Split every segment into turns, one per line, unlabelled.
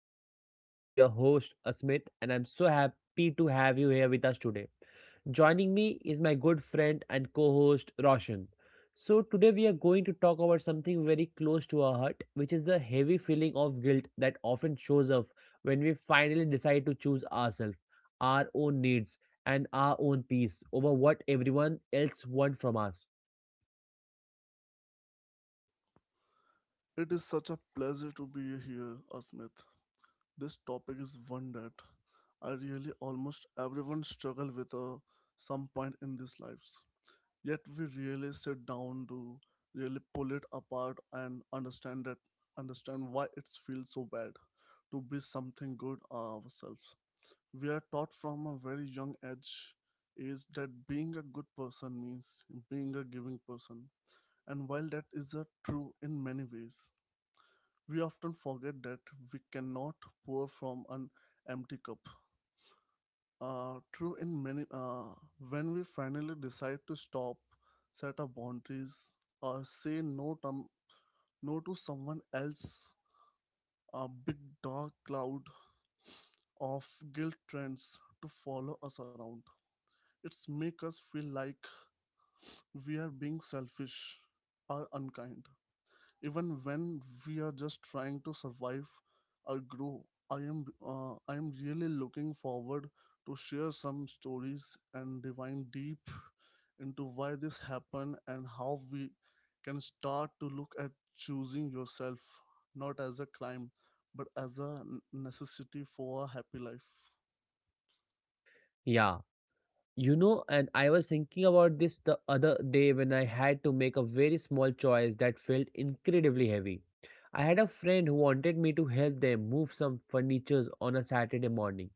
show. I am your host, Asmit, and I'm so happy to have you here with us today. Joining me is my good friend and co host, Roshan. So, today we are going to talk about something very close to our heart, which is the heavy feeling of guilt that often shows up when we finally decide to choose ourselves, our own needs, and our own peace over what everyone else wants from us.
It is such a pleasure to be here, Asmith. This topic is one that I really almost everyone struggle with at some point in these lives. Yet we really sit down to really pull it apart and understand why it feels so bad to be something good ourselves. We are taught from a very young age is that being a good person means being a giving person. And while that is a true in many ways, we often forget that we cannot pour from an empty cup. Uh, true in many, uh, when we finally decide to stop, set our boundaries, or say no to someone else, a big dark cloud of guilt trends to follow us around. It's make us feel like we are being selfish or unkind. Even when we are just trying to survive or grow. I am really looking forward to share some stories and diving deep into why this happened and how we can start to look at choosing yourself not as a crime but as a necessity for a happy life.
Yeah. You know, and I was thinking about this the other day when I had to make a very small choice that felt incredibly heavy. I had a friend who wanted me to help them move some furnitures on a Saturday morning.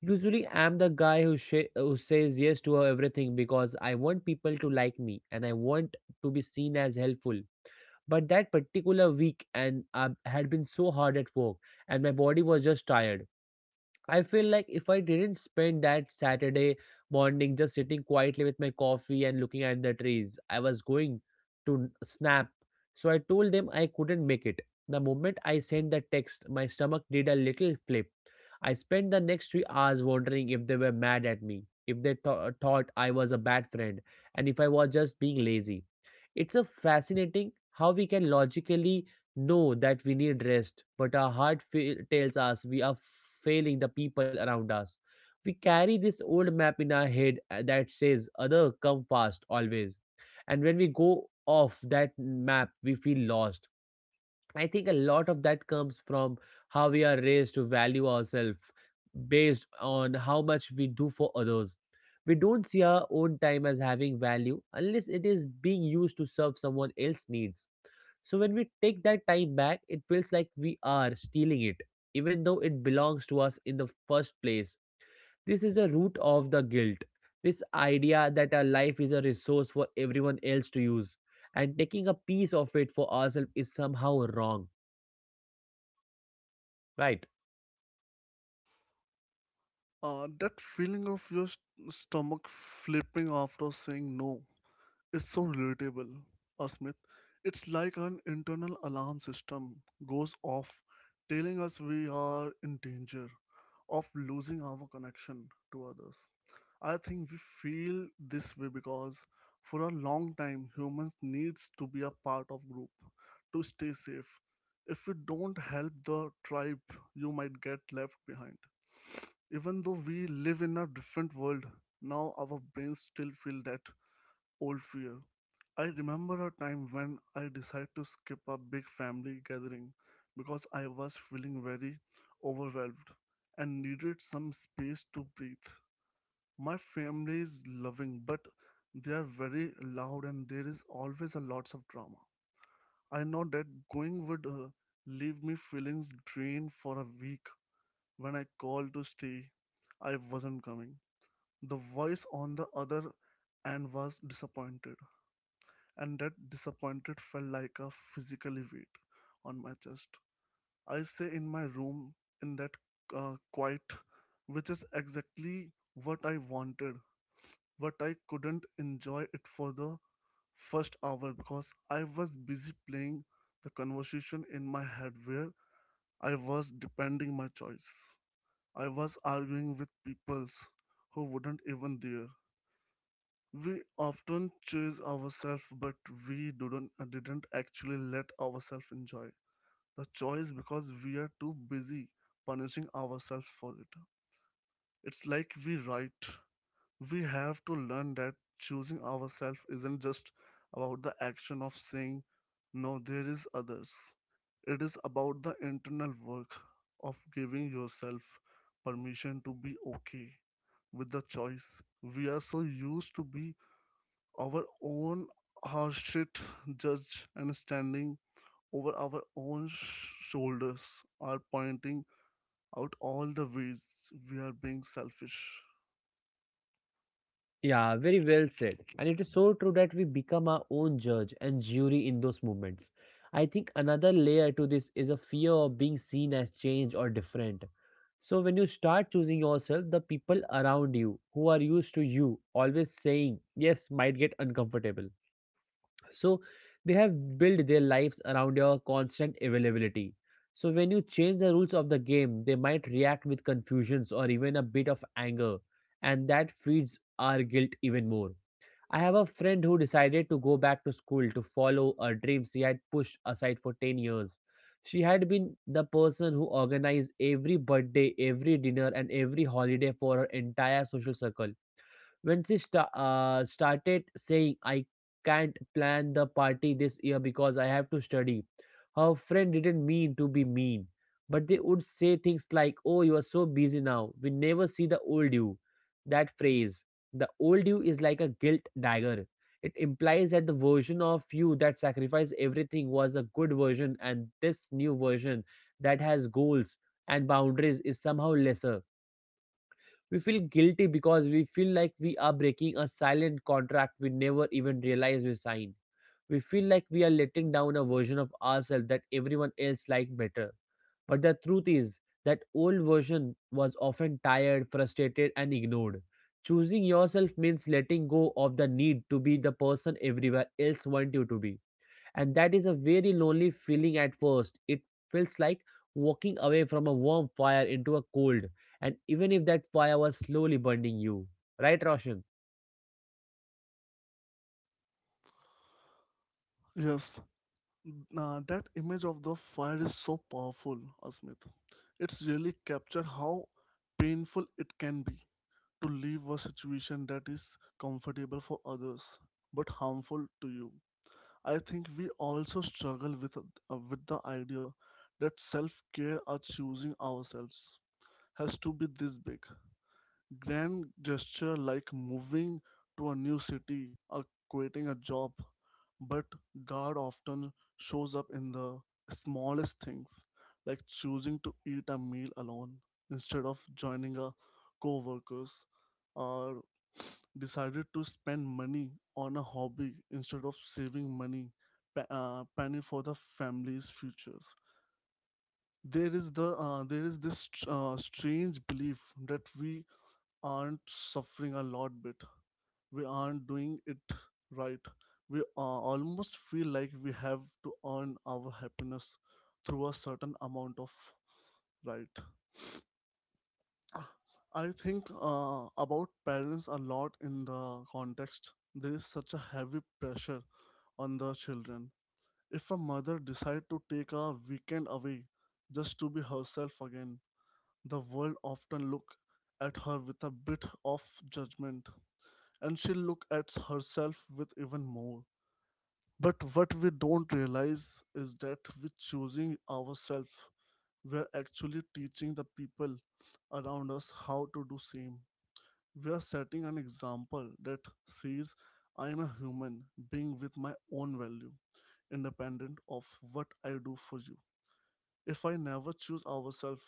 Usually, I'm the guy who, who says yes to everything because I want people to like me and I want to be seen as helpful. But that particular week, and I had been so hard at work, and my body was just tired. I feel like if I didn't spend that Saturday morning just sitting quietly with my coffee and looking at the trees, I was going to snap. So I told them I couldn't make it. The moment I sent the text, my stomach did a little flip. I spent the next 3 hours wondering if they were mad at me, if they thought I was a bad friend, and if I was just being lazy. It's a fascinating how we can logically know that we need rest, but our heart tells us we are failing the people around us. We carry this old map in our head that says, "Other, come fast, always." And when we go off that map, we feel lost. I think a lot of that comes from how we are raised to value ourselves based on how much we do for others. We don't see our own time as having value unless it is being used to serve someone else's needs. So when we take that time back, it feels like we are stealing it, even though it belongs to us in the first place. This is the root of the guilt. This idea that our life is a resource for everyone else to use, and taking a piece of it for ourselves is somehow wrong. Right.
That feeling of your stomach flipping after saying no. It's so relatable, Asmit. It's like an internal alarm system goes off, telling us we are in danger of losing our connection to others. I think we feel this way because for a long time humans needs to be a part of group to stay safe. If you don't help the tribe, you might get left behind. Even though we live in a different world, now our brains still feel that old fear. I remember a time when I decided to skip a big family gathering because I was feeling very overwhelmed and needed some space to breathe. My family is loving, but they are very loud and there is always a lots of drama. I know that going would leave me feelings drained for a week. When I called to stay, I wasn't coming. The voice on the other end was disappointed and that disappointment felt like a physical weight on my chest. I stay in my room in that quiet, which is exactly what I wanted, but I couldn't enjoy it for the first hour because I was busy playing the conversation in my head where I was depending my choice. I was arguing with peoples who wouldn't even there. We often chase ourselves, but we didn't actually let ourselves enjoy the choice because we are too busy punishing ourselves for it. It's like we write. We have to learn that choosing ourselves isn't just about the action of saying, no, there is others. It is about the internal work of giving yourself permission to be okay with the choice. We are so used to be our own harshest judge and standing over our own shoulders are pointing out all the ways we are being selfish.
Yeah, very well said. And it is so true that we become our own judge and jury in those moments. I think another layer to this is a fear of being seen as changed or different. So when you start choosing yourself, the people around you who are used to you always saying yes might get uncomfortable. So they have built their lives around your constant availability. So when you change the rules of the game, they might react with confusions or even a bit of anger, and that feeds our guilt even more. I have a friend who decided to go back to school to follow a dream she had pushed aside for 10 years. She had been the person who organized every birthday, every dinner, and every holiday for her entire social circle. When she started saying, "I can't plan the party this year because I have to study," her friend didn't mean to be mean, but they would say things like, "Oh, you are so busy now, we never see the old you." That phrase, the old you, is like a guilt dagger. It implies that the version of you that sacrificed everything was a good version, and this new version that has goals and boundaries is somehow lesser. We feel guilty because we feel like we are breaking a silent contract we never even realize we signed. We feel like we are letting down a version of ourselves that everyone else liked better. But the truth is, that old version was often tired, frustrated, and ignored. Choosing yourself means letting go of the need to be the person everywhere else wants you to be, and that is a very lonely feeling at first. It feels like walking away from a warm fire into a cold, and even if that fire was slowly burning you. Right, Roshan?
Yes, that image of the fire is so powerful, Asmit. It's really captured how painful it can be to leave a situation that is comfortable for others but harmful to you. I think we also struggle with with the idea that self care or choosing ourselves has to be this big grand gesture like moving to a new city or quitting a job, but God often shows up in the smallest things, like choosing to eat a meal alone instead of joining a co workers, or decided to spend money on a hobby instead of saving money, planning for the family's futures. There is this strange belief that we aren't suffering a lot bit. We aren't doing it right. We almost feel like we have to earn our happiness through a certain amount of right. I think about parents a lot in the context. There is such a heavy pressure on the children. If a mother decides to take a weekend away just to be herself again, the world often look at her with a bit of judgment and she'll look at herself with even more. But what we don't realize is that with choosing ourselves, we're actually teaching the people around us how to do same. We are setting an example that says, I am a human being with my own value, independent of what I do for you. If I never choose ourselves,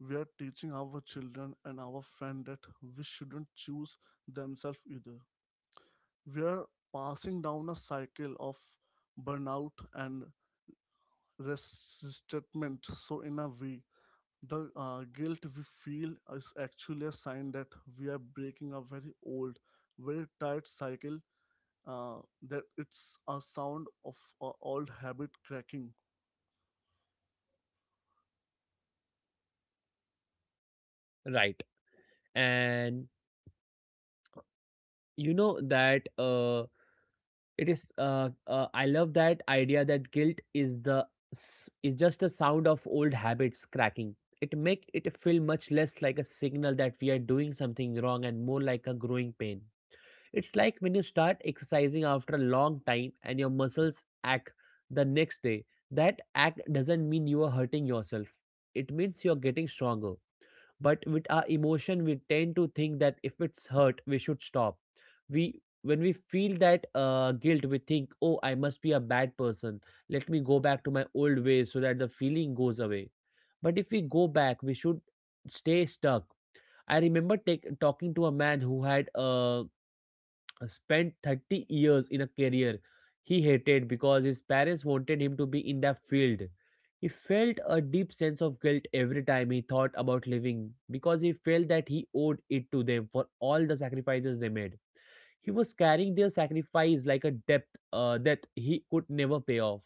we are teaching our children and our friend that we shouldn't choose themselves either. We're passing down a cycle of burnout and resentment. So, in a way, the guilt we feel is actually a sign that we are breaking a very old, very tight cycle. Uh, that it's a sound of a old habit cracking.
Right. And you know that it is. I love that idea that guilt is just a sound of old habits cracking. It make it feel much less like a signal that we are doing something wrong and more like a growing pain. It's like when you start exercising after a long time and your muscles ache the next day. That ache doesn't mean you are hurting yourself. It means you're getting stronger. But with our emotion, we tend to think that if it's hurt, we should stop. We When we feel that guilt, we think, "Oh, I must be a bad person. Let me go back to my old ways so that the feeling goes away." But if we go back, we should stay stuck. I remember talking to a man who had spent 30 years in a career he hated because his parents wanted him to be in that field. He felt a deep sense of guilt every time he thought about leaving because he felt that he owed it to them for all the sacrifices they made. He was carrying their sacrifice like a debt that he could never pay off.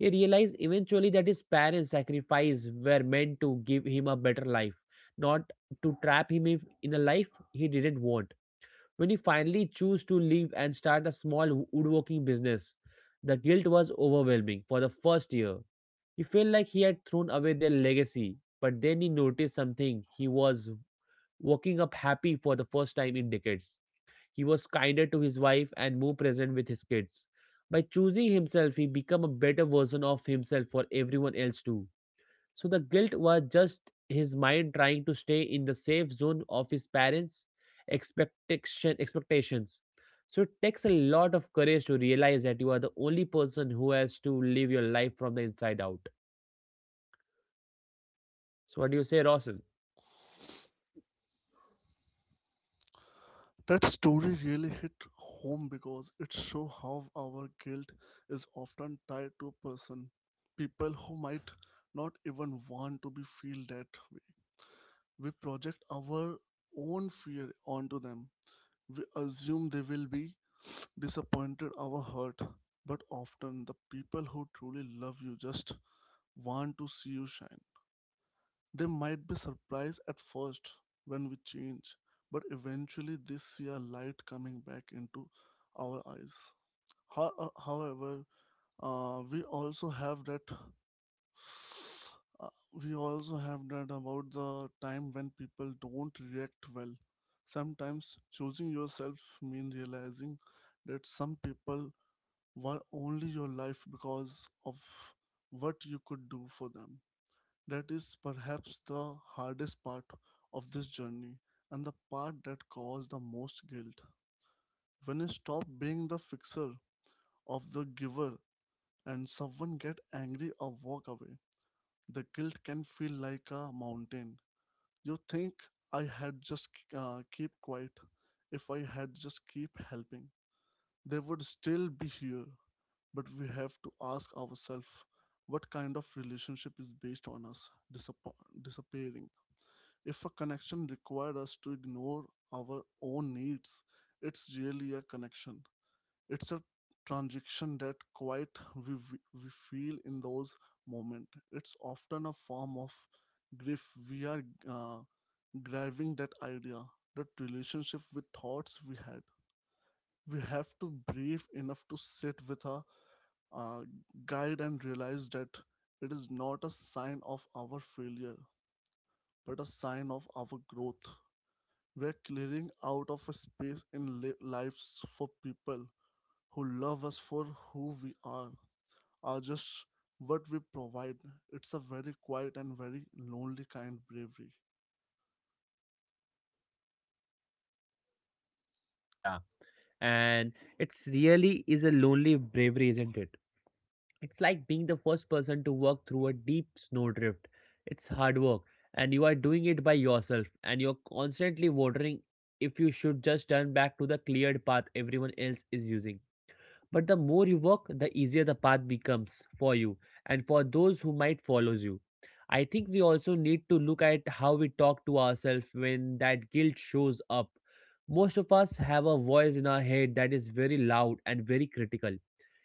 He realized eventually that his parents' sacrifices were meant to give him a better life, not to trap him in a life he didn't want. When he finally chose to leave and start a small woodworking business, the guilt was overwhelming for the first year. He felt like he had thrown away their legacy, but then he noticed something. He was waking up happy for the first time in decades. He was kinder to his wife and more present with his kids. By choosing himself, he became a better version of himself for everyone else too. So the guilt was just his mind trying to stay in the safe zone of his parents' expectations. So it takes a lot of courage to realize that you are the only person who has to live your life from the inside out. So what do you say, Rawson?
That story really hit home because it shows how our guilt is often tied to a person, people who might not even want to be feel that way. We project our own fear onto them. We assume they will be disappointed or hurt, but often the people who truly love you just want to see you shine. They might be surprised at first when we change, but eventually they see a light coming back into our eyes. However, we also have that we also have that about the time when people don't react well. Sometimes choosing yourself means realizing that some people were only your life because of what you could do for them. That is perhaps the hardest part of this journey and the part that caused the most guilt. When you stop being the fixer of the giver and someone get angry or walk away, the guilt can feel like a mountain. You think I had just keep quiet. If I had just keep helping, they would still be here. But we have to ask ourselves what kind of relationship is based on us disappearing. If a connection required us to ignore our own needs, it's really a connection. It's a transaction that quite we feel in those moments. It's often a form of grief. We are uh, grabbing that idea, that relationship with thoughts we had. We have to breathe enough to sit with our uh, guide and realize that it is not a sign of our failure, but a sign of our growth. We're clearing out of a space in lives for people who love us for who we are just what we provide. It's a very quiet and very lonely kind bravery.
Yeah. And it's really is a lonely bravery, isn't it? It's like being the first person to walk through a deep snowdrift. It's hard work, and you are doing it by yourself, and you're constantly wondering if you should just turn back to the cleared path everyone else is using. But the more you work, the easier the path becomes for you and for those who might follow you. I think we also need to look at how we talk to ourselves when that guilt shows up. Most of us have a voice in our head that is very loud and very critical.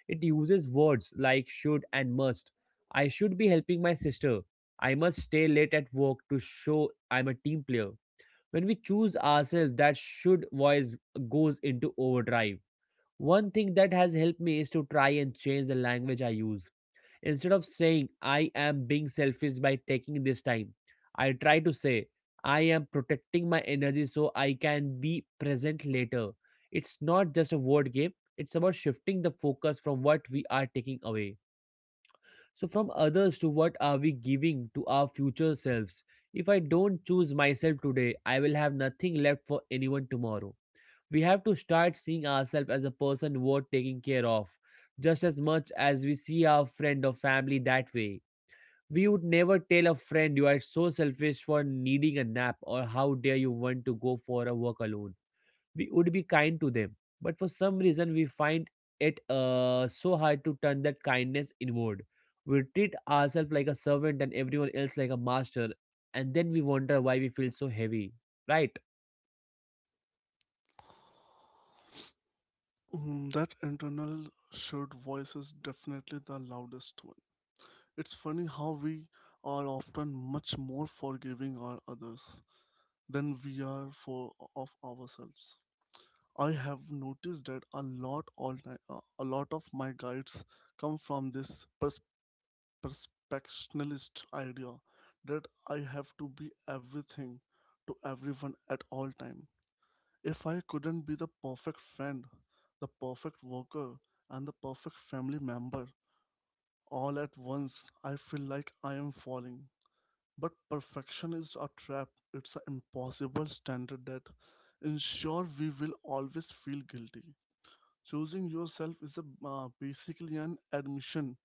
It uses words like should and must. I should be helping my sister. I must stay late at work to show I'm a team player. When we choose ourselves, that should voice goes into overdrive. One thing that has helped me is to try and change the language I use. Instead of saying, "I am being selfish by taking this time," I try to say, "I am protecting my energy so I can be present later." It's not just a word game, it's about shifting the focus from what we are taking away. So, from others to what are we giving to our future selves? If I don't choose myself today, I will have nothing left for anyone tomorrow. We have to start seeing ourselves as a person worth taking care of just as much as we see our friend or family that way. We would never tell a friend you are so selfish for needing a nap or how dare you want to go for a walk alone. We would be kind to them, but for some reason we find it so hard to turn that kindness inward. We treat ourselves like a servant and everyone else like a master, and then we wonder why we feel so heavy, right?
Mm, that internal shared voice is definitely the loudest one. It's funny how we are often much more forgiving of others than we are for of ourselves. I have noticed that a lot of my guides come from this perspectionist idea that I have to be everything to everyone at all time. If I couldn't be the perfect friend, the perfect worker, and the perfect family member all at once, I feel like I am falling. But perfection is a trap. It's an impossible standard that ensure we will always feel guilty. Choosing yourself is basically an admission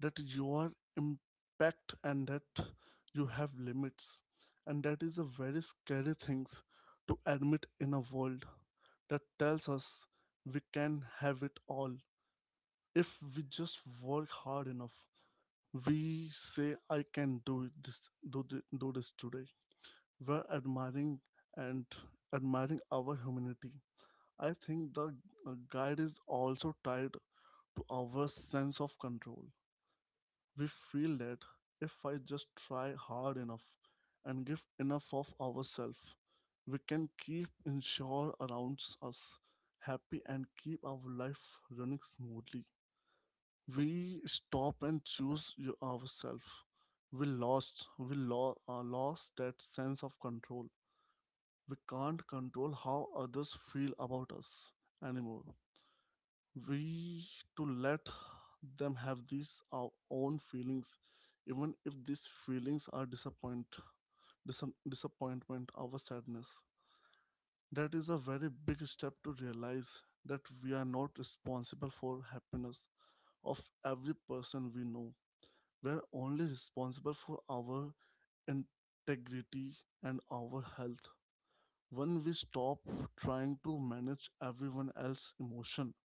that you are impact and that you have limits. And that is a very scary things to admit in a world that tells us we can have it all if we just work hard enough. We say, I can do it, this, do, do this today. We're admiring and admiring our humanity. I think the guide is also tied to our sense of control. We feel that if I just try hard enough and give enough of ourselves, we can keep ensure around us happy and keep our life running smoothly. We stop and choose ourselves. We lost that sense of control. We can't control how others feel about us anymore. We to let them have these our own feelings even if these feelings are disappointment our sadness. That is a very big step to realize that we are not responsible for happiness of every person we know. We are only responsible for our integrity and our health. When we stop trying to manage everyone else's emotion,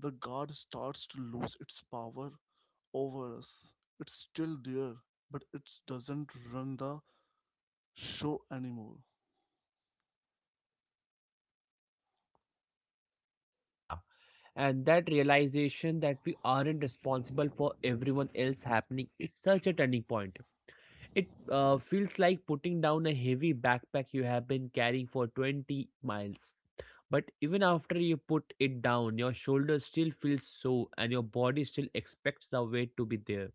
the guard starts to lose its power over us. It's still there, but it doesn't run the show anymore.
Yeah. And that realization that we aren't responsible for everyone else happening is such a turning point. It feels like putting down a heavy backpack you have been carrying for 20 miles. But even after you put it down, your shoulders still feel sore and your body still expects the weight to be there.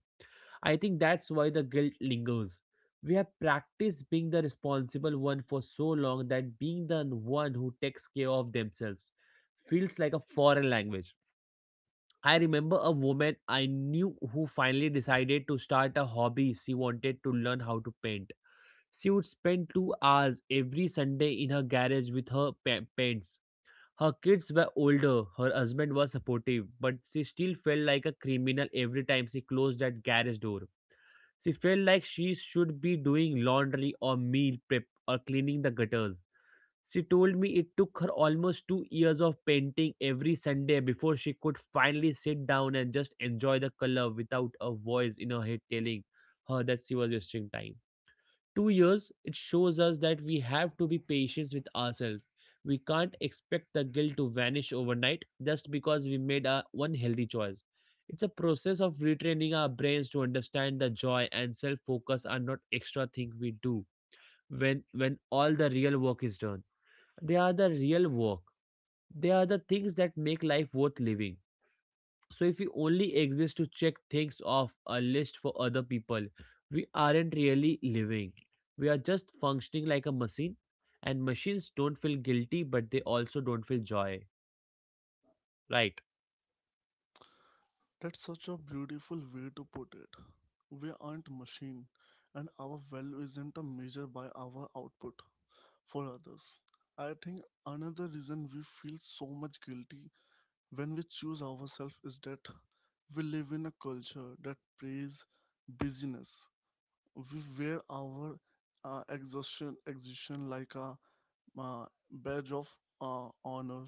I think that's why the guilt lingers. We have practiced being the responsible one for so long that being the one who takes care of themselves feels like a foreign language. I remember a woman I knew who finally decided to start a hobby. She wanted to learn how to paint. She would spend 2 hours every Sunday in her garage with her pets. Her kids were older, her husband was supportive, but she still felt like a criminal every time she closed that garage door. She felt like she should be doing laundry or meal prep or cleaning the gutters. She told me it took her almost 2 years of painting every Sunday before she could finally sit down and just enjoy the color without a voice in her head telling her that she was wasting time. 2 years. It shows us that we have to be patient with ourselves. We can't expect the guilt to vanish overnight just because we made a one healthy choice. It's a process of retraining our brains to understand the joy and self focus are not extra thing we do when all the real work is done. They are the real work. They are the things that make life worth living. So if we only exist to check things off a list for other people, we aren't really living. We are just functioning like a machine, and machines don't feel guilty, but they also don't feel joy. Right?
That's such a beautiful way to put it. We aren't machine, and our value isn't a measure by our output for others. I think another reason we feel so much guilty when we choose ourselves is that we live in a culture that praises busyness. We wear our exhaustion like a badge of honor.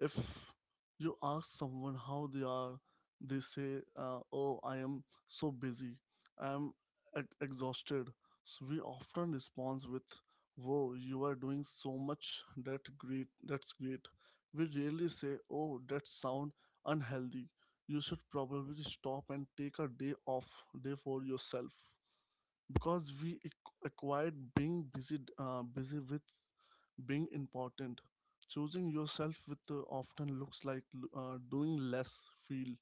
If you ask someone how they are, they say, "Oh, I am so busy. I am exhausted." So we often respond with, "Whoa, you are doing so much. That great. That's great." We rarely say, "Oh, that sound unhealthy. You should probably stop and take a day off, day for yourself." Because acquired being busy, busy with being important. Choosing yourself with often looks like doing less feel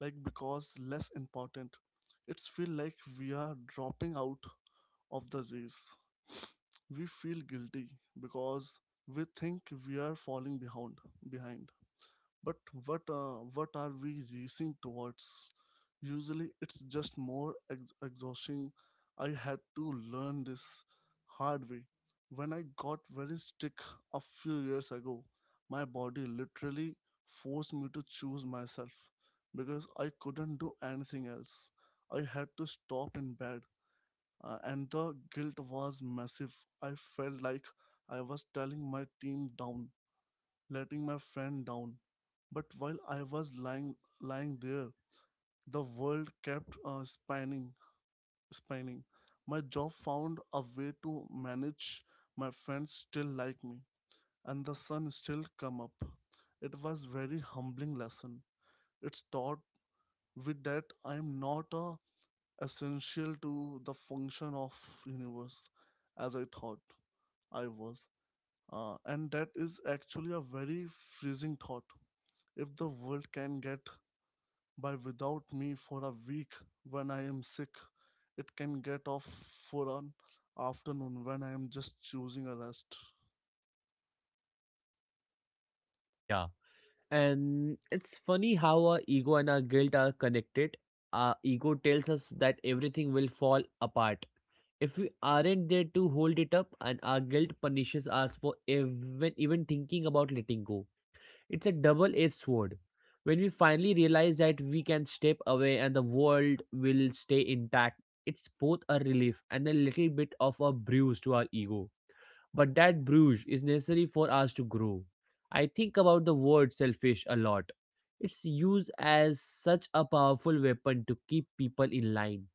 like because less important. It's feel like we are dropping out of the race. We feel guilty because we think we are falling behind but what are we racing towards. Usually it's just more exhausting. I had to learn this hard way when I got very sick a few years ago. My body literally forced me to choose myself because I couldn't do anything else. I had to stop in bed, and the guilt was massive. I felt like I was telling my team down, letting my friend down. But while I was lying there, the world kept spinning. My job found a way to manage, my friends still like me, and the sun still come up. It was very humbling lesson. It's taught with that I am not a essential to the function of universe as I thought I was. And that is actually a very freezing thought. If the world can get by without me for a week when I am sick, it can get off for an afternoon when I am just choosing a rest.
Yeah. And it's funny how our ego and our guilt are connected. Our ego tells us that everything will fall apart if we aren't there to hold it up, and our guilt punishes us for even thinking about letting go. It's a double edged sword. When we finally realize that we can step away and the world will stay intact, it's both a relief and a little bit of a bruise to our ego. But that bruise is necessary for us to grow. I think about the word selfish a lot. It's used as such a powerful weapon to keep people in line.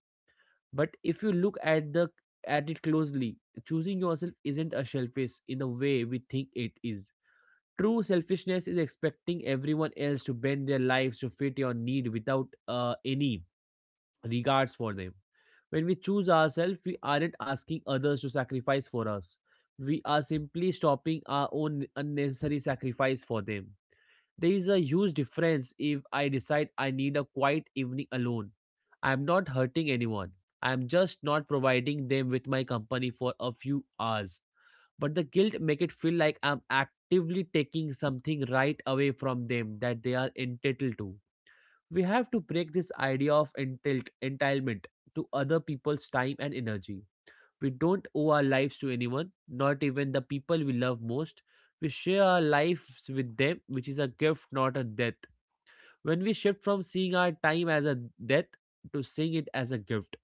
But if you look at the at it closely, choosing yourself isn't a selfish in the way we think it is. True selfishness is expecting everyone else to bend their lives to fit your need without any regards for them. When we choose ourselves, we aren't asking others to sacrifice for us. We are simply stopping our own unnecessary sacrifice for them. There is a huge difference if I decide I need a quiet evening alone. I am not hurting anyone. I am just not providing them with my company for a few hours, but the guilt make it feel like I'm actively taking something right away from them that they are entitled to. We have to break this idea of entitlement to other people's time and energy. We don't owe our lives to anyone, not even the people we love most. We share our lives with them, which is a gift, not a debt. When we shift from seeing our time as a debt to seeing it as a gift,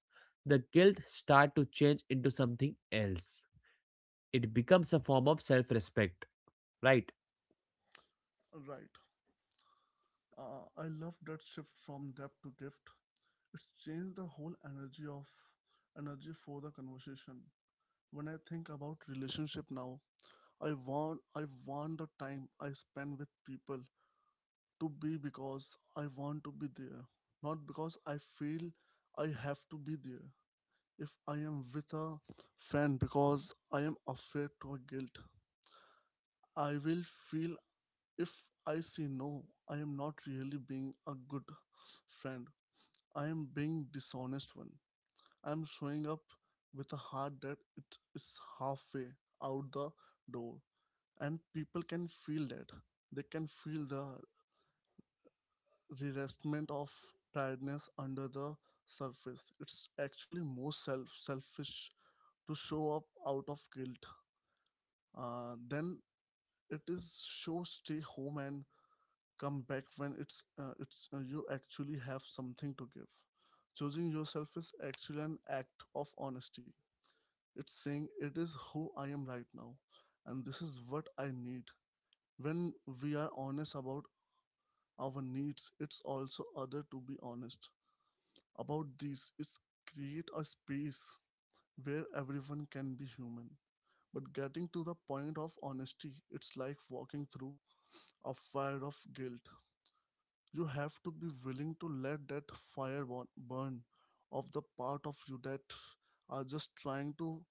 the guilt start to change into something else. It becomes a form of self-respect, right?
Right. I love that shift from debt to gift. It's changed the whole energy for the conversation. When I think about relationship now, I want the time I spend with people to be because I want to be there, not because I feel I have to be there. If I am with a friend because I am afraid to a guilt, I will feel if I say no, I am not really being a good friend. I am being dishonest one. I am showing up with a heart that it is halfway out the door, and people can feel that. They can feel the reinvestment of tiredness under the surface. It's actually more selfish to show up out of guilt, then it is show stay home and come back when it's you actually have something to give. Choosing yourself is actually an act of honesty. It's saying it is who I am right now, and this is what I need. When we are honest about our needs, it's also other to be honest about this is create a space where everyone can be human. But getting to the point of honesty, it's like walking through a fire of guilt. You have to be willing to let that fire burn of the part of you that are just trying to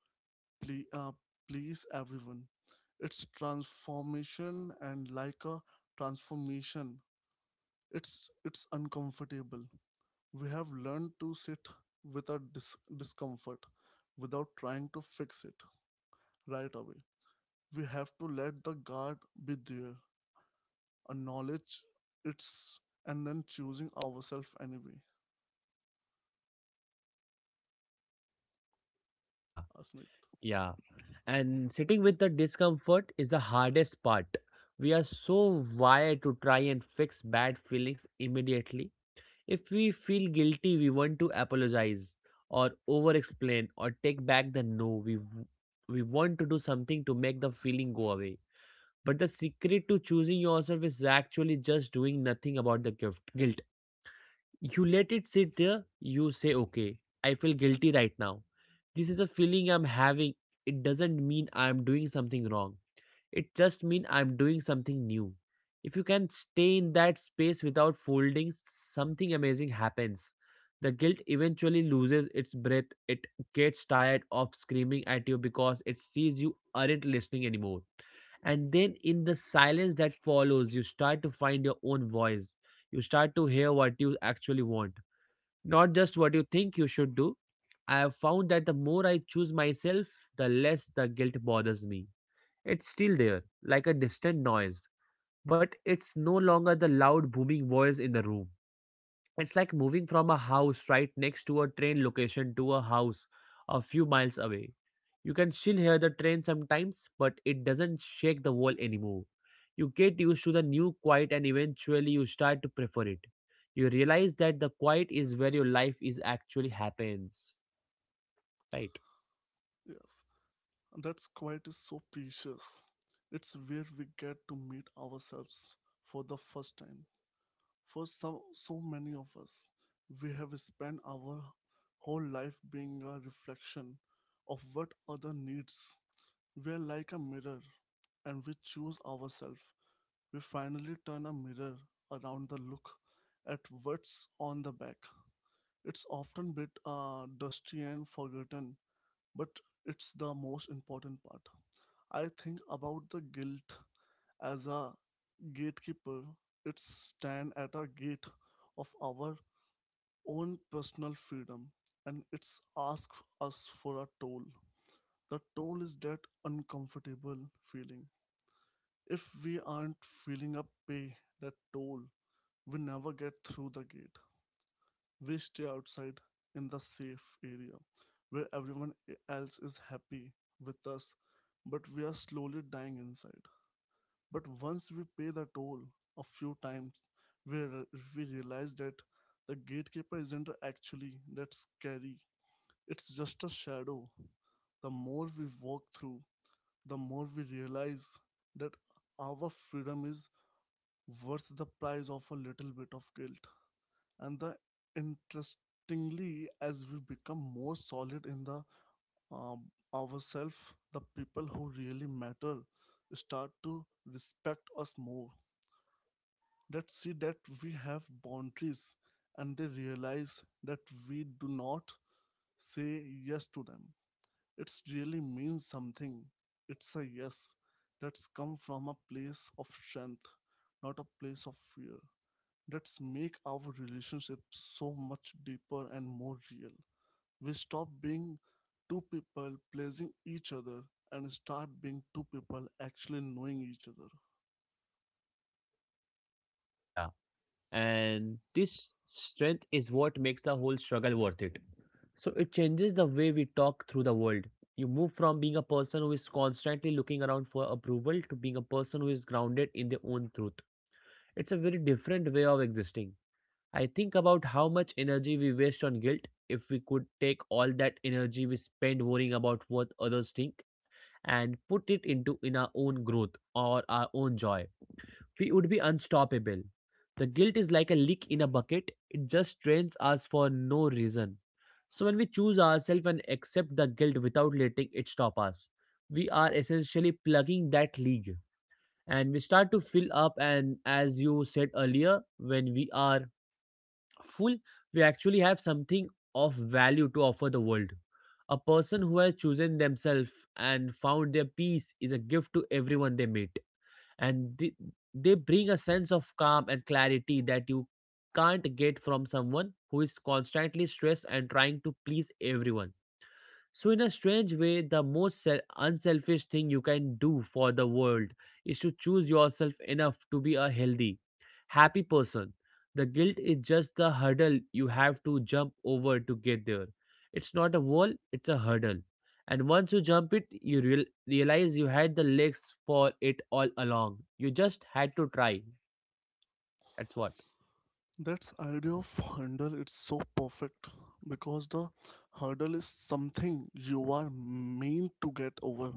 ple- uh, please everyone. It's transformation and like a transformation. It's uncomfortable. We have learned to sit with our discomfort without trying to fix it right away. We have to let the guard be there, acknowledge it's, and then choosing ourselves anyway.
Yeah,
Asmit,
yeah. And sitting with the discomfort is the hardest part. We are so wired to try and fix bad feelings immediately. If we feel guilty, we want to apologize or over explain or take back the no. We want to do something to make the feeling go away. But the secret to choosing yourself is actually just doing nothing about the guilt. You let it sit there, you say, okay, I feel guilty right now. This is a feeling I'm having. It doesn't mean I'm doing something wrong. It just means I'm doing something new. If you can stay in that space without folding, something amazing happens. The guilt eventually loses its breath. It gets tired of screaming at you because it sees you aren't listening anymore. And then, in the silence that follows, you start to find your own voice. You start to hear what you actually want, not just what you think you should do. I have found that the more I choose myself, the less the guilt bothers me. It's still there, like a distant noise, but it's no longer the loud booming voice in the room. It's like moving from a house right next to a train location to a house a few miles away. You can still hear the train sometimes, but it doesn't shake the wall anymore. You get used to the new quiet and eventually you start to prefer it. You realize that the quiet is where your life is actually happens. Right?
yes. And that's quite is so precious. It's where we get to meet ourselves for the first time. For some, so many of us, we have spent our whole life being a reflection of what other needs. We are like a mirror, and we choose ourselves. We finally turn a mirror around the look at what's on the back. It's often bit dusty and forgotten, but it's the most important part. I think about the guilt as a gatekeeper. It stands at a gate of our own personal freedom, and it's asks us for a toll. The toll is that uncomfortable feeling. If we aren't filling up pay that toll, we never get through the gate. We stay outside in the safe area where everyone else is happy with us, but we are slowly dying inside. But once we pay the toll a few times, we, re- we realize that the gatekeeper isn't actually that scary, it's just a shadow. The more we walk through, the more we realize that our freedom is worth the price of a little bit of guilt. And the interestingly, as we become more solid in the um, ourselves, the people who really matter start to respect us more. That see that we have boundaries, and they realize that we do not say yes to them. It really means something. It's a yes that's come from a place of strength, not a place of fear. That's make our relationship so much deeper and more real. We stop being two people pleasing each other and start being two people actually knowing each other.
Yeah. And this strength is what makes the whole struggle worth it. So it changes the way we talk through the world. You move from being a person who is constantly looking around for approval to being a person who is grounded in their own truth. It's a very different way of existing. I think about how much energy we waste on guilt. If we could take all that energy we spend worrying about what others think and put it into in our own growth or our own joy, we would be unstoppable. The guilt is like a leak in a bucket, it just drains us for no reason. So, when we choose ourselves and accept the guilt without letting it stop us, we are essentially plugging that leak and we start to fill up. And as you said earlier, when we are full, we actually have something of value to offer the world. A person who has chosen themselves and found their peace is a gift to everyone they meet, and they bring a sense of calm and clarity that you can't get from someone who is constantly stressed and trying to please everyone. So, in a strange way, the most unselfish thing you can do for the world is to choose yourself enough to be a healthy, happy person. The guilt is just the hurdle you have to jump over to get there. It's not a wall, it's a hurdle. And once you jump it, you realize you had the legs for it all along. You just had to try. That's what.
That's idea of hurdle it's so perfect, because the hurdle is something you are meant to get over,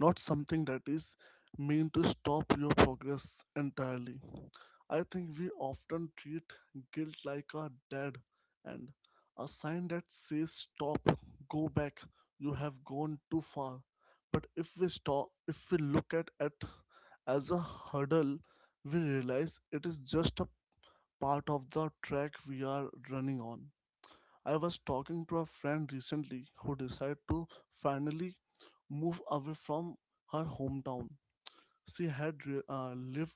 not something that is meant to stop your progress entirely. I think we often treat guilt like a dead end, a sign that says stop, go back, you have gone too far. But if we stop, if we look at it as a hurdle, we realize it is just a part of the track we are running on. I was talking to a friend recently who decided to finally move away from her hometown. She had lived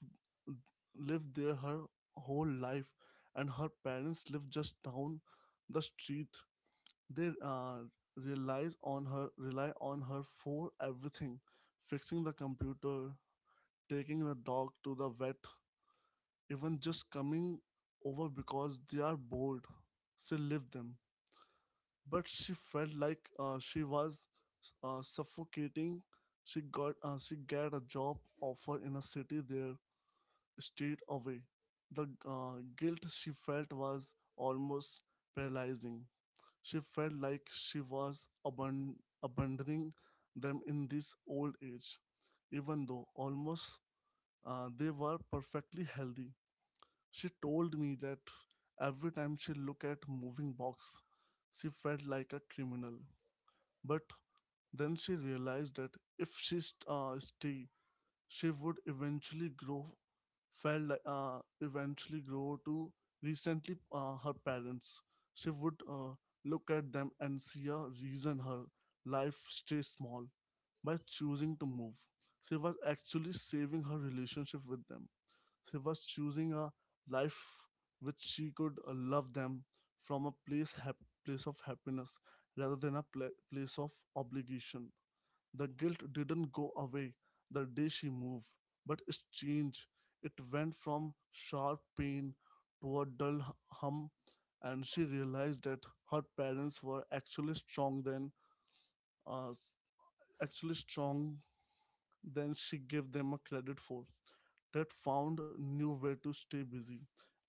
lived there her whole life, and her parents lived just down the street. They relies on her rely on her for everything, fixing the computer, taking the dog to the vet, even just coming over because they are bored. She lived them, but she felt like she was suffocating. She got a job offer in a city there straight away. The guilt she felt was almost paralyzing. She felt like she was abandoning them in this old age, even though almost they were perfectly healthy. She told me that every time she looked at moving box, she felt like a criminal. But then she realized that if stayed, she would eventually grow. Felt like eventually grow to recently her parents. She would look at them and see a reason her life stays small. By choosing to move, she was actually saving her relationship with them. She was choosing a life which she could love them from place of happiness rather than place of obligation. The guilt didn't go away the day she moved, but it changed. It went from sharp pain to a dull hum, and she realized that her parents were actually uh, s- actually strong than she gave them a credit for. That found new way to stay busy,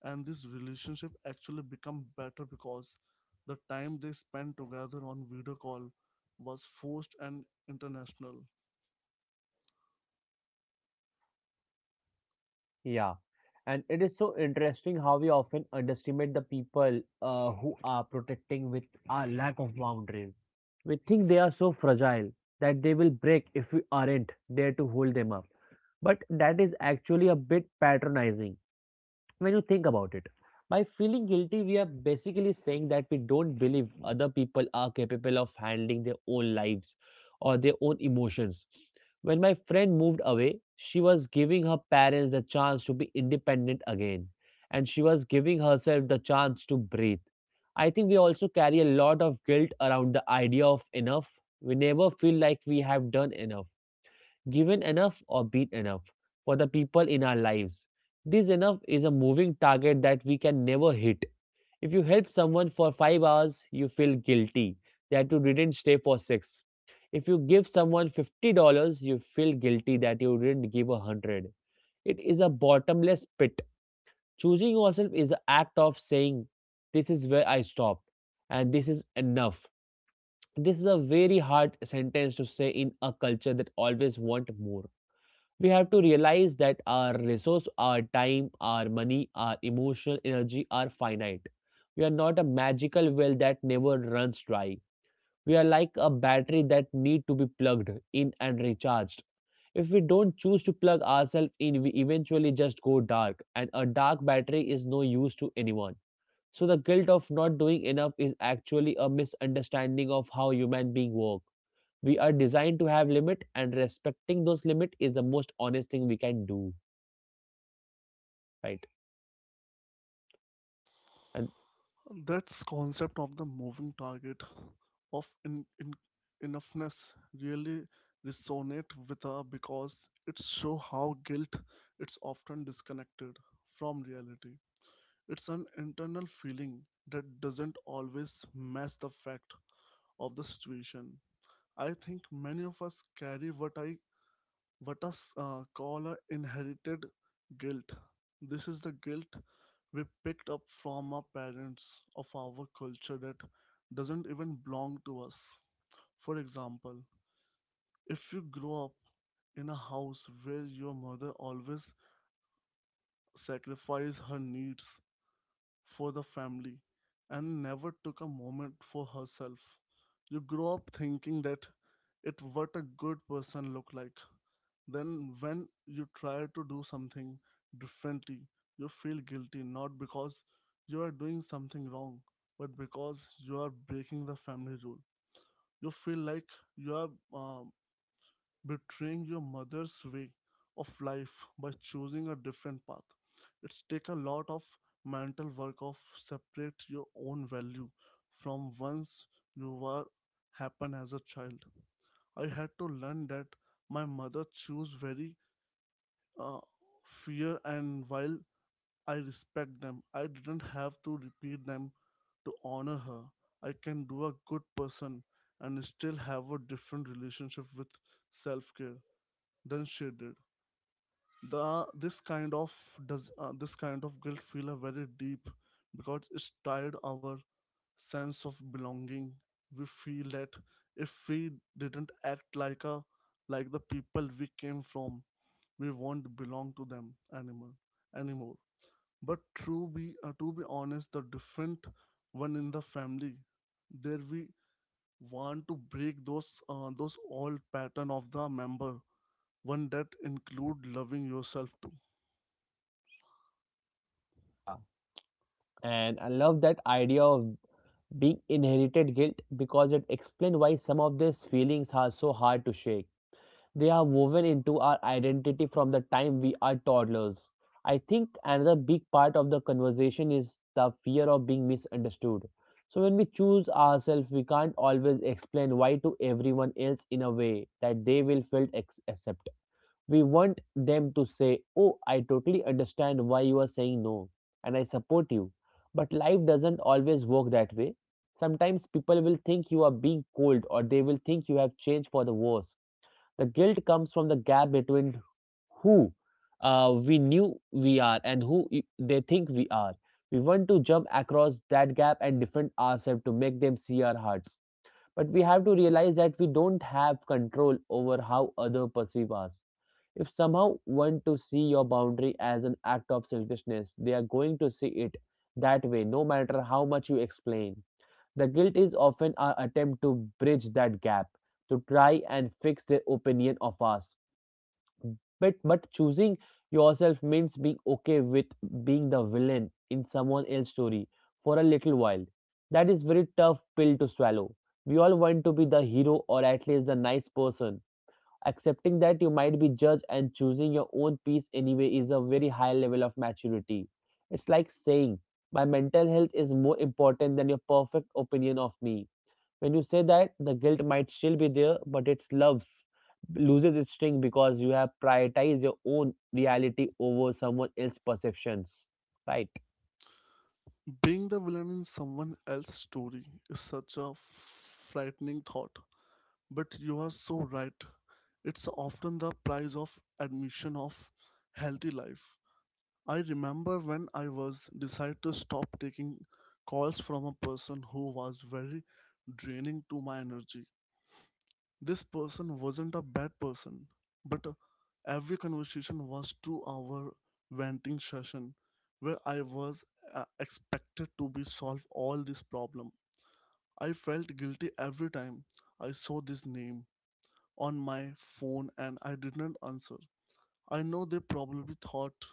and this relationship actually become better because the time they spent together on video call was forced and international.
Yeah, and it is so interesting how we often underestimate the people who are protecting with our lack of boundaries. We think they are so fragile that they will break if we aren't there to hold them up. But that is actually a bit patronizing when you think about it. By feeling guilty, we are basically saying that we don't believe other people are capable of handling their own lives or their own emotions. When my friend moved away, she was giving her parents the chance to be independent again, and she was giving herself the chance to breathe. I think we also carry a lot of guilt around the idea of enough. We never feel like we have done enough, given enough, or been enough for the people in our lives. This enough is a moving target that we can never hit. If you help someone for 5 hours, you feel guilty that you didn't stay for six. If you give someone $50, you feel guilty that you didn't give 100. It is a bottomless pit. Choosing yourself is an act of saying, this is where I stop, and this is enough. This is a very hard sentence to say in a culture that always want more. We have to realize that our resource, our time, our money, our emotional energy are finite. We are not a magical well that never runs dry. We are like a battery that need to be plugged in and recharged. If we don't choose to plug ourselves in, we eventually just go dark, and a dark battery is no use to anyone. So the guilt of not doing enough is actually a misunderstanding of how human beings work. We are designed to have limit, and respecting those limit is the most honest thing we can do, right? And
That's concept of the moving target of in enoughness really resonate with her, because it show how guilt it's often disconnected from reality. It's an internal feeling that doesn't always match the fact of the situation. I think many of us carry what I what us call a inherited guilt. This is the guilt we picked up from our parents of our culture that doesn't even belong to us. For example, if you grow up in a house where your mother always sacrifices her needs for the family and never took a moment for herself. You grow up thinking that it what a good person look like. Then when you try to do something differently, you feel guilty not because you are doing something wrong, but because you are breaking the family rule. You feel like you are betraying your mother's way of life by choosing a different path. It's take a lot of mental work of separate your own value from once you were happen as a child. I had to learn that my mother chose very uh, fear, and while I respect them, I didn't have to repeat them to honor her. I can do a good person and still have a different relationship with self care than she did. The this kind of does This kind of guilt feel a very deep because it's tied our sense of belonging. We feel that if we didn't act like a like the people we came from, we won't belong to them anymore. But true be to be honest the different one in the family, there we want to break those old pattern of the member one that include loving yourself too.
yeah, and I love that idea of being inherited guilt because it explains why some of these feelings are so hard to shake. They are woven into our identity from the time we are toddlers. I think another big part of the conversation is the fear of being misunderstood. So when we choose ourselves, we can't always explain why to everyone else in a way that they will feel accepted. We want them to say, oh, I totally understand why you are saying no, and I support you. But life doesn't always work that way. Sometimes people will think you are being cold, or they will think you have changed for the worse. The guilt comes from the gap between who we knew we are and who they think we are. We want to jump across that gap and defend ourselves to make them see our hearts. But we have to realize that we don't have control over how others perceive us. If somehow want to see your boundary as an act of selfishness, they are going to see it that way, no matter how much you explain. The guilt is often our attempt to bridge that gap, to try and fix their opinion of us. But choosing yourself means being okay with being the villain in someone else's story for a little while. That is very tough pill to swallow. We all want to be the hero or at least the nice person. Accepting that you might be judged and choosing your own peace anyway is a very high level of maturity. It's like saying, "My mental health is more important than your perfect opinion of me." When you say that, the guilt might still be there, but its loves loses its sting because you have prioritized your own reality over someone else's perceptions. Right?
Being the villain in someone else's story is such a frightening thought, but you are so right. It's often the price of admission of healthy life. I remember when I was decided to stop taking calls from a person who was very draining to my energy. This person wasn't a bad person, but every conversation was 2-hour venting session where I was expected to be solve all this problem. I felt guilty every time I saw this name on my phone and I didn't answer. I know they probably thought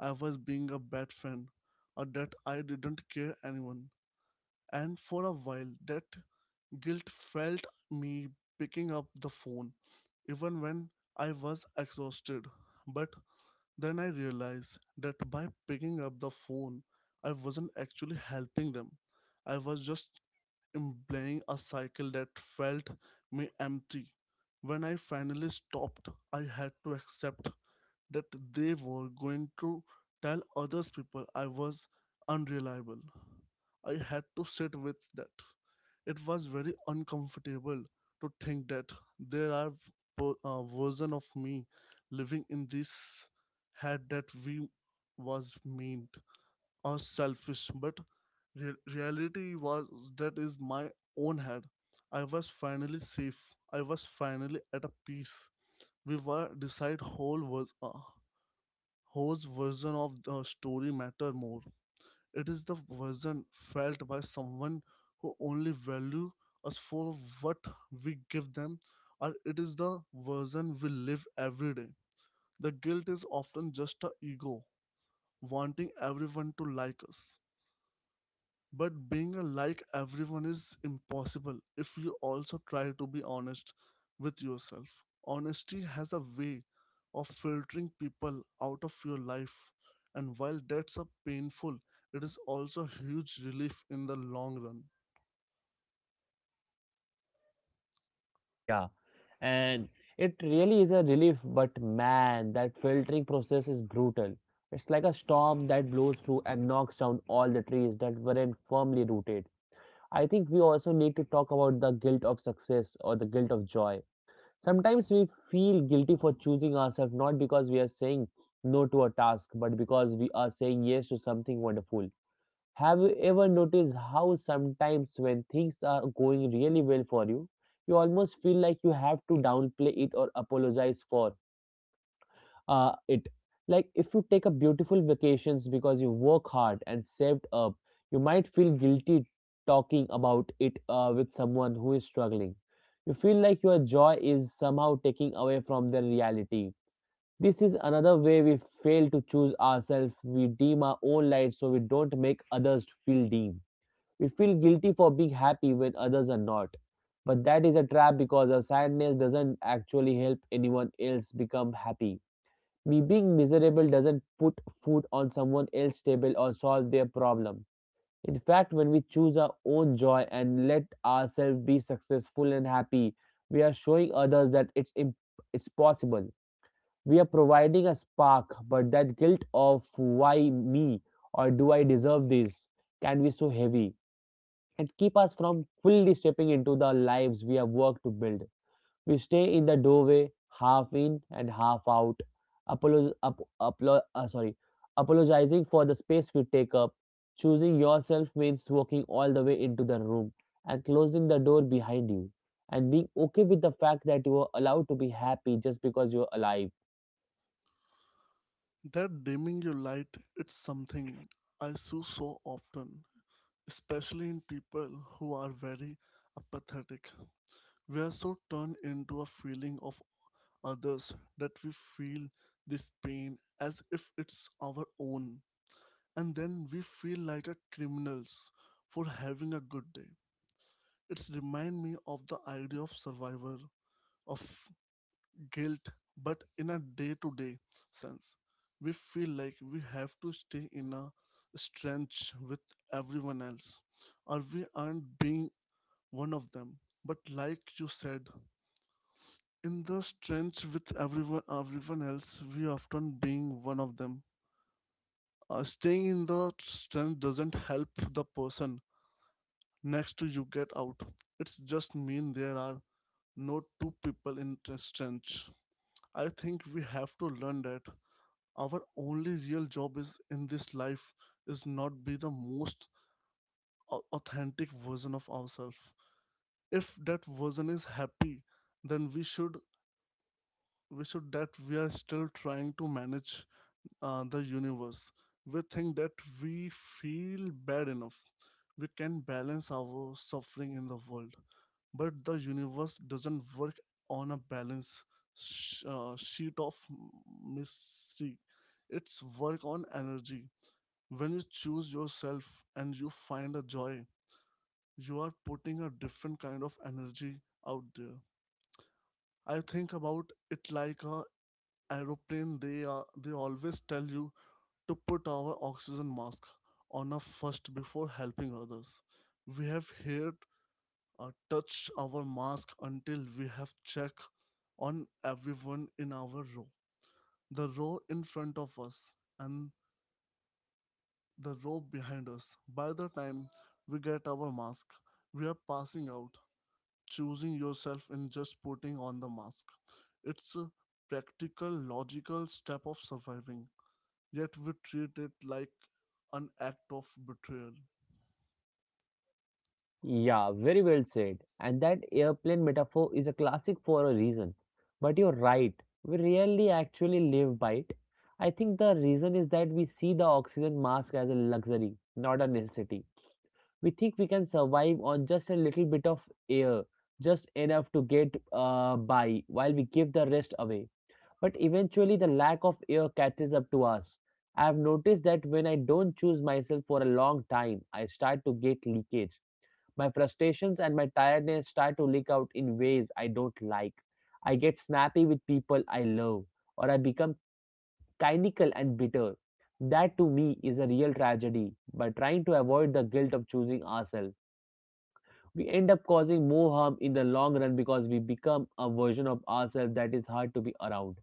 I was being a bad friend or that I didn't care anyone. And for a while that guilt felt me picking up the phone, even when I was exhausted. But then I realized that by picking up the phone, I wasn't actually helping them. I was just employing a cycle that felt me empty. When I finally stopped, I had to accept that they were going to tell others people I was unreliable. I had to sit with that. It was very uncomfortable to think that there are version of me living in this head that we was mean or selfish, but reality was that is my own head. I was finally safe. I was finally at a peace. We were decide whole was whose version of the story matter more. It is the version felt by someone who only value us for what we give them, or it is the version we live every day. The guilt is often just our ego wanting everyone to like us. But being a like everyone is impossible if you also try to be honest with yourself. Honesty has a way of filtering people out of your life, and while that's a painful, it is also a huge relief in the long run.
Yeah. And it really is a relief, but man, that filtering process is brutal. It's like a storm that blows through and knocks down all the trees that weren't firmly rooted. I think we also need to talk about the guilt of success or the guilt of joy. Sometimes we feel guilty for choosing ourselves not because we are saying no to a task, but because we are saying yes to something wonderful. Have you ever noticed how sometimes when things are going really well for you, you almost feel like you have to downplay it or apologize for it? Like if you take a beautiful vacations because you work hard and saved up, you might feel guilty talking about it with someone who is struggling. You feel like your joy is somehow taking away from their reality. This is another way we fail to choose ourselves. We dim our own light so we don't make others feel dim. We feel guilty for being happy when others are not. But that is a trap because our sadness doesn't actually help anyone else become happy. Me being miserable doesn't put food on someone else's table or solve their problem. In fact, when we choose our own joy and let ourselves be successful and happy, we are showing others that it's possible. We are providing a spark, but that guilt of "why me" or "do I deserve this" can be so heavy and keep us from fully stepping into the lives we have worked to build. We stay in the doorway, half in and half out, apolo- ap- aplo- uh, sorry, apologizing for the space we take up. Choosing yourself means walking all the way into the room and closing the door behind you, and being okay with the fact that you are allowed to be happy just because you're alive.
That dimming your light, it's something I see so often, especially in people who are very apathetic. We are so turned into a feeling of others that we feel this pain as if it's our own, and then we feel like a criminals for having a good day. It's remind me of the idea of survivor of guilt, but in a day-to-day sense. We feel like we have to stay in a strange with everyone else, or we aren't being one of them. But like you said, in the trench with everyone else we often being one of them. Staying in the trench doesn't help the person next to you get out. It's just mean there are no two people in the trench. I think we have to learn that our only real job is in this life is not be the most authentic version of ourselves. If that version is happy then we should that we are still trying to manage the universe. We think that we feel bad enough. We can balance our suffering in the world. But the universe doesn't work on a balance sheet of mystery. It's work on energy. When you choose yourself and you find a joy, you are putting a different kind of energy out there. I think about it like a aeroplane. They always tell you to put our oxygen mask on us first before helping others. We have here touched our mask until we have checked on everyone in our row, the row in front of us, and the row behind us. By the time we get our mask, we are passing out. Choosing yourself and just putting on the mask. It's a practical, logical step of surviving, yet we treat it like an act of betrayal.
Yeah, very well said. And that airplane metaphor is a classic for a reason. But you're right, we rarely actually live by it. I think the reason is that we see the oxygen mask as a luxury, not a necessity. We think we can survive on just a little bit of air, just enough to get by while we give the rest away. But eventually, the lack of air catches up to us. I have noticed that when I don't choose myself for a long time, I start to get leakage. My frustrations and my tiredness start to leak out in ways I don't like. I get snappy with people I love, or I become cynical and bitter. That to me is a real tragedy. By trying to avoid the guilt of choosing ourselves, we end up causing more harm in the long run because we become a version of ourselves that is hard to be around.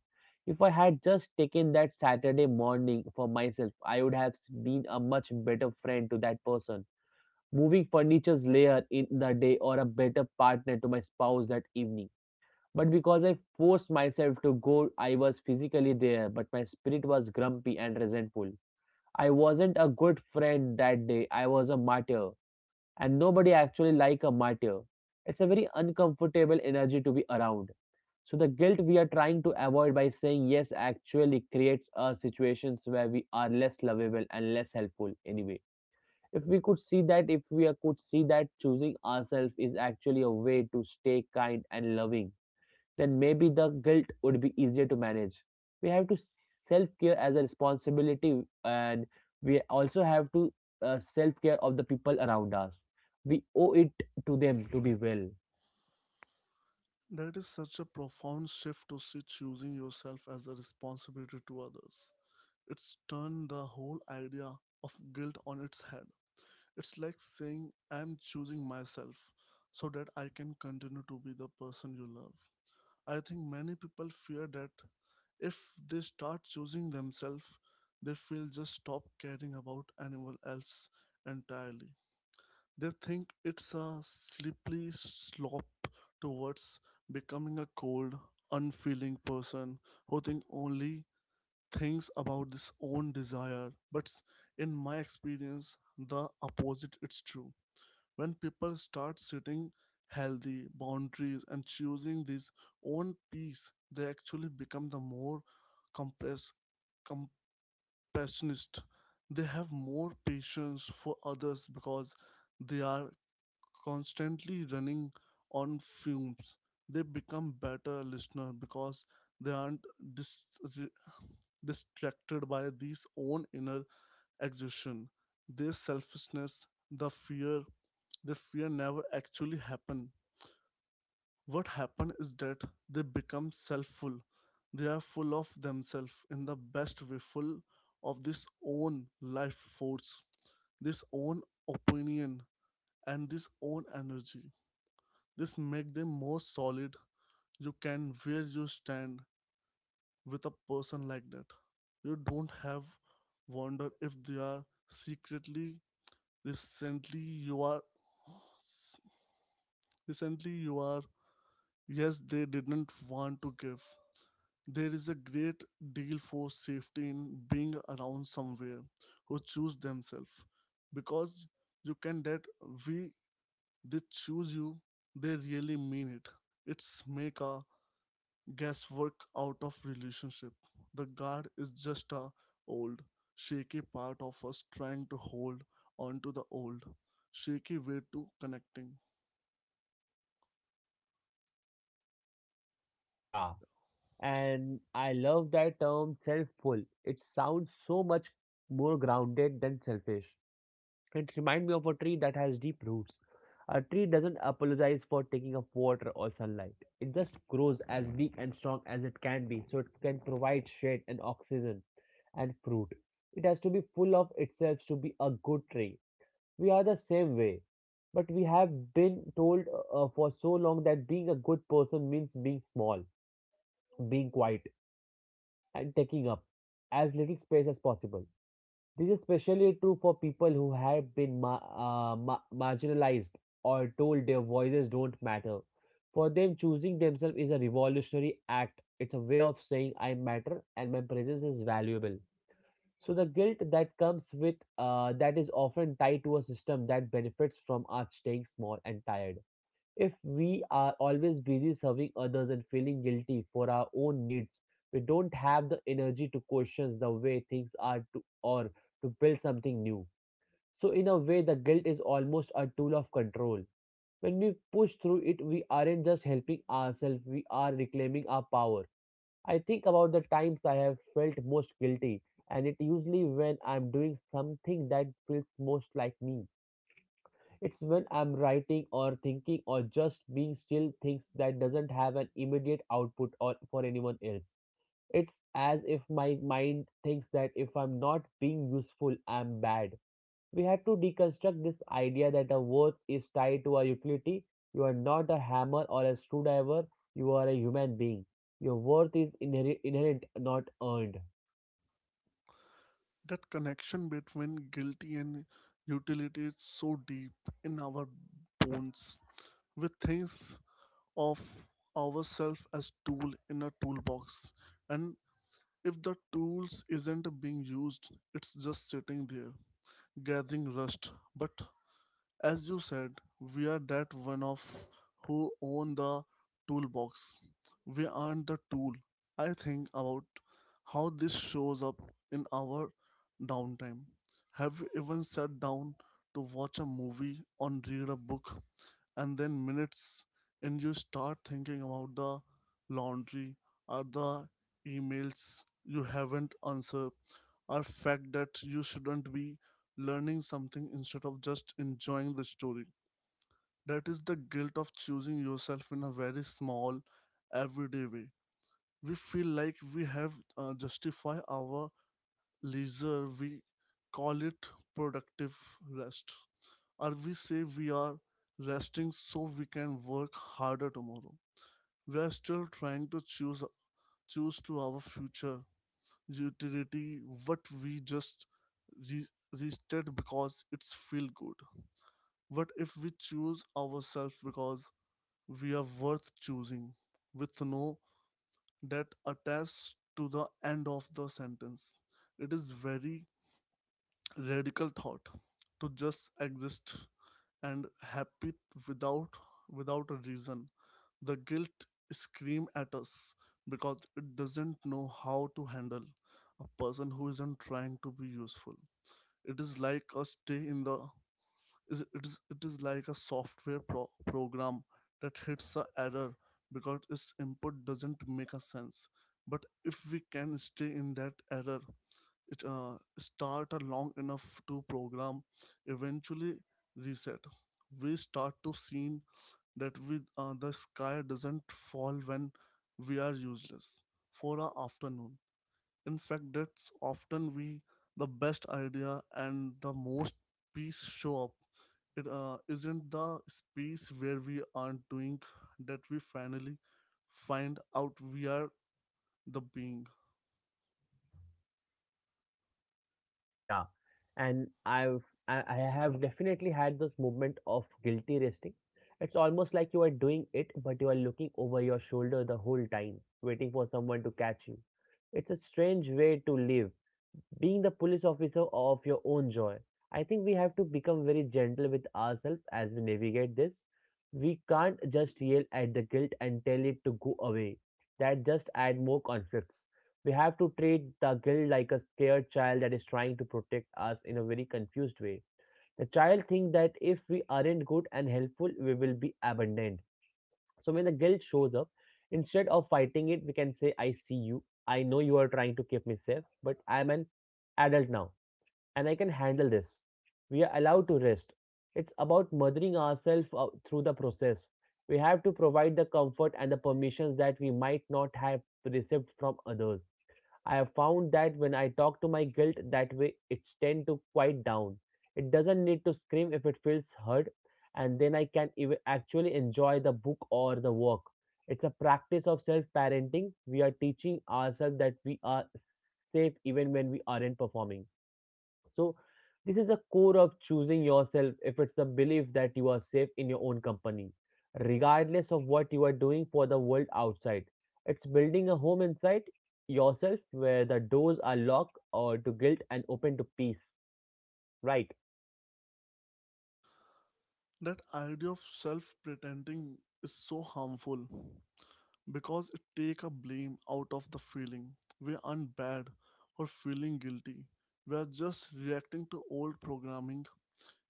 If I had just taken that Saturday morning for myself, I would have been a much better friend to that person moving furniture's layer in the day, or a better partner to my spouse that evening. But because I forced myself to go, I was physically there, but my spirit was grumpy and resentful. I wasn't a good friend that day, I was a martyr, and nobody actually like a martyr. It's a very uncomfortable energy to be around. So the guilt we are trying to avoid by saying yes actually creates us situations where we are less lovable and less helpful anyway. If we could see that, if we could see that choosing ourselves is actually a way to stay kind and loving, then maybe the guilt would be easier to manage. We have to self care as a responsibility, and we also have to self care of the people around us. We owe it to them to be well.
That is such a profound shift to see choosing yourself as a responsibility to others. It's turned the whole idea of guilt on its head. It's like saying, I'm choosing myself so that I can continue to be the person you love. I think many people fear that if they start choosing themselves, they will just stop caring about anyone else entirely. They think it's a slippery slope towards becoming a cold, unfeeling person who think only things about his own desire. But in my experience, the opposite is true. When people start setting healthy boundaries and choosing this own peace, they actually become the more compressed compassionist. They have more patience for others because they are constantly running on fumes. They become better listener because they aren't dis- re- distracted by these own inner exhaustion, their selfishness, the fear. The fear never actually happen. What happen is that they become selfful. They are full of themselves in the best way, full of this own life force, this own opinion, and this own energy. This make them more solid. You can where you stand with a person like that. You don't have wonder if they are secretly recently you are recently you are yes they didn't want to give. There is a great deal for safety in being around somewhere who choose themselves because you can that we they choose you. They really mean it. It's make a guesswork out of relationship. The guard is just a old, shaky part of us trying to hold on to the old, shaky way to connecting.
Yeah, and I love that term selfful. It sounds so much more grounded than selfish. It reminds me of a tree that has deep roots. A tree doesn't apologize for taking up water or sunlight. It just grows as big and strong as it can be so it can provide shade and oxygen and fruit. It has to be full of itself to be a good tree. We are the same way. But we have been told for so long that being a good person means being small, being quiet, and taking up as little space as possible. This is especially true for people who have been marginalized or told their voices don't matter. For them, choosing themselves is a revolutionary act. It's a way of saying I matter and my presence is valuable. So the guilt that comes with that is often tied to a system that benefits from us staying small and tired. If we are always busy serving others and feeling guilty for our own needs, we don't have the energy to question the way things are to, or to build something new. So, in a way, the guilt is almost a tool of control. When we push through it, we aren't just helping ourselves, we are reclaiming our power. I think about the times I have felt most guilty, and it usually when I'm doing something that feels most like me. It's when I'm writing or thinking or just being still, things that doesn't have an immediate output or for anyone else. It's as if my mind thinks that if I'm not being useful, I'm bad. We had to deconstruct this idea that a worth is tied to a utility. You are not a hammer or a screwdriver, you are a human being. Your worth is inherent, not earned.
That connection between guilty and utility is so deep in our bones. We think of ourselves as tool in a toolbox, and if the tools isn't being used, it's just sitting there, gathering rust. But as you said, we are that one of who own the toolbox. We aren't the tool. I think about how this shows up in our downtime. Have you even sat down to watch a movie or read a book and then minutes and you start thinking about the laundry or the emails you haven't answered are fact that you shouldn't be learning something instead of just enjoying the story? That is the guilt of choosing yourself in a very small, everyday way. We feel like we have justify our leisure. We call it productive rest, or we say we are resting so we can work harder tomorrow. We are still trying to choose to our future utility what we just re- rested because it's feel good. What if we choose ourselves because we are worth choosing with no that attached to the end of the sentence? It is very radical thought to just exist and happy without without a reason. The guilt scream at us because it doesn't know how to handle a person who isn't trying to be useful. It is like a stay in the is it is it is like a software program that hits a error because its input doesn't make a sense. But if we can stay in that error it start a long enough to program eventually reset. We start to see that with the sky doesn't fall when we are useless for an afternoon. In fact, that's often we the best idea and the most peace show up. It isn't the space where we aren't doing that we finally find out we are the being.
Yeah, and I have definitely had this moment of guilty resting. It's almost like you are doing it, but you are looking over your shoulder the whole time, waiting for someone to catch you. It's a strange way to live, being the police officer of your own joy. I think we have to become very gentle with ourselves as we navigate this. We can't just yell at the guilt and tell it to go away. That just add more conflicts. We have to treat the guilt like a scared child that is trying to protect us in a very confused way. The child thinks that if we aren't good and helpful, we will be abandoned. So when the guilt shows up, instead of fighting it, we can say, "I see you. I know you are trying to keep me safe, but I am an adult now and I can handle this. We are allowed to rest." It's about mothering ourselves through the process. We have to provide the comfort and the permissions that we might not have received from others. I have found that when I talk to my guilt that way, it's tend to quiet down. It doesn't need to scream if it feels heard, and then I can actually enjoy the book or the work. It's a practice of self-parenting. We are teaching ourselves that we are safe even when we aren't performing. So, this is the core of choosing yourself, if it's the belief that you are safe in your own company, regardless of what you are doing for the world outside. It's building a home inside yourself where the doors are locked or to guilt and open to peace. Right?
That idea of self pretending is so harmful because it take a blame out of the feeling. We aren't bad or feeling guilty. We are just reacting to old programming.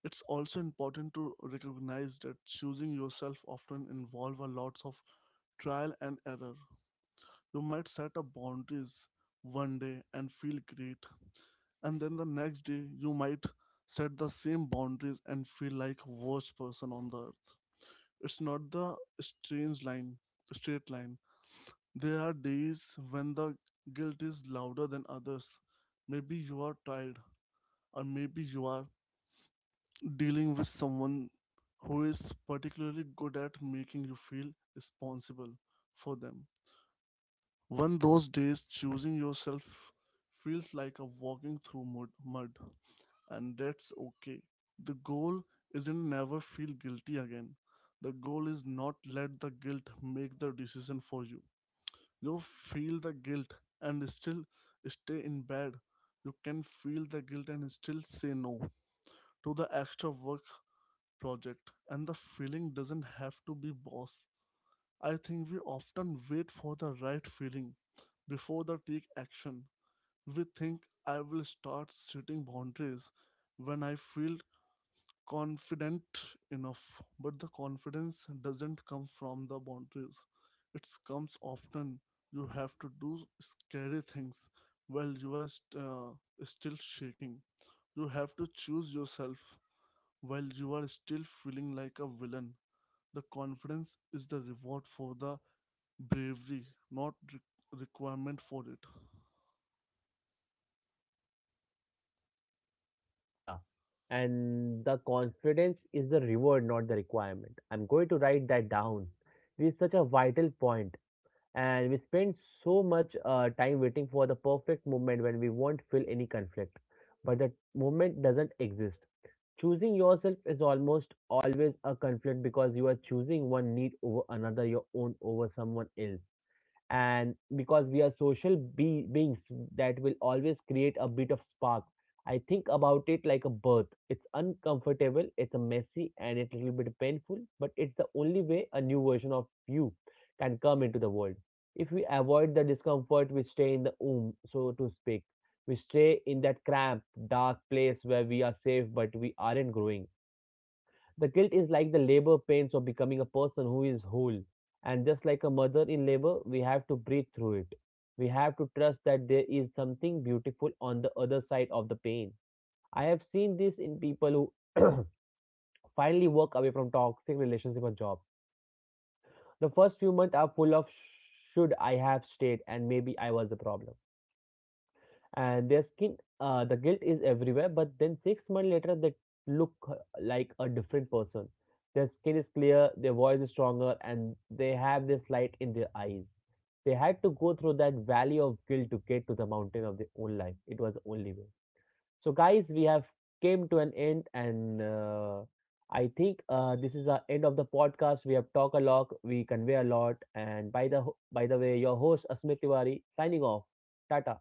It's also important to recognize that choosing yourself often involves a lot of trial and error. You might set up boundaries one day and feel great, and then the next day you might set the same boundaries and feel like worst person on the earth. It's not the strange line, straight line. There are days when the guilt is louder than others. Maybe you are tired, or maybe you are dealing with someone who is particularly good at making you feel responsible for them. One those days, choosing yourself feels like a walking through mud, mud, and that's okay. The goal isn't never feel guilty again. The goal is not let the guilt make the decision for you. You feel the guilt and still stay in bed. You can feel the guilt and still say no to the extra work project, and the feeling doesn't have to be boss. I think we often wait for the right feeling before they take action. We think I will start setting boundaries when I feel confident enough, but the confidence doesn't come from the boundaries. It comes often you have to do scary things while you are still shaking. You have to choose yourself while you are still feeling like a villain. The confidence is the reward for the bravery, not requirement for it.
Yeah. And the confidence is the reward, not the requirement. I'm going to write that down. This is such a vital point, and we spend so much time waiting for the perfect moment when we won't feel any conflict. But that moment doesn't exist. Choosing yourself is almost always a conflict because you are choosing one need over another, your own over someone else, and because we are social beings, that will always create a bit of spark. I think about it like a birth. It's uncomfortable, it's a messy, and it's a little bit painful, but it's the only way a new version of you can come into the world. If we avoid the discomfort, we stay in the womb, so to speak. We stay in that cramped dark place where we are safe but we aren't growing. The guilt is like the labor pains of becoming a person who is whole. And just like a mother in labor, we have to breathe through it. We have to trust that there is something beautiful on the other side of the pain. I have seen this in people who finally walk away from toxic relationships or jobs. The first few months are full of "should I have stayed" and "maybe I was the problem", and their skin, the guilt is everywhere. But then six months later they look like a different person. Their skin is clear, their voice is stronger, and they have this light in their eyes. They had to go through that valley of guilt to get to the mountain of their own life. It was the only way. So guys, we have came to an end, and I think this is the end of the podcast. We have talked a lot, we convey a lot, and by the by the way, your host Asmit Tiwari signing off. Tata.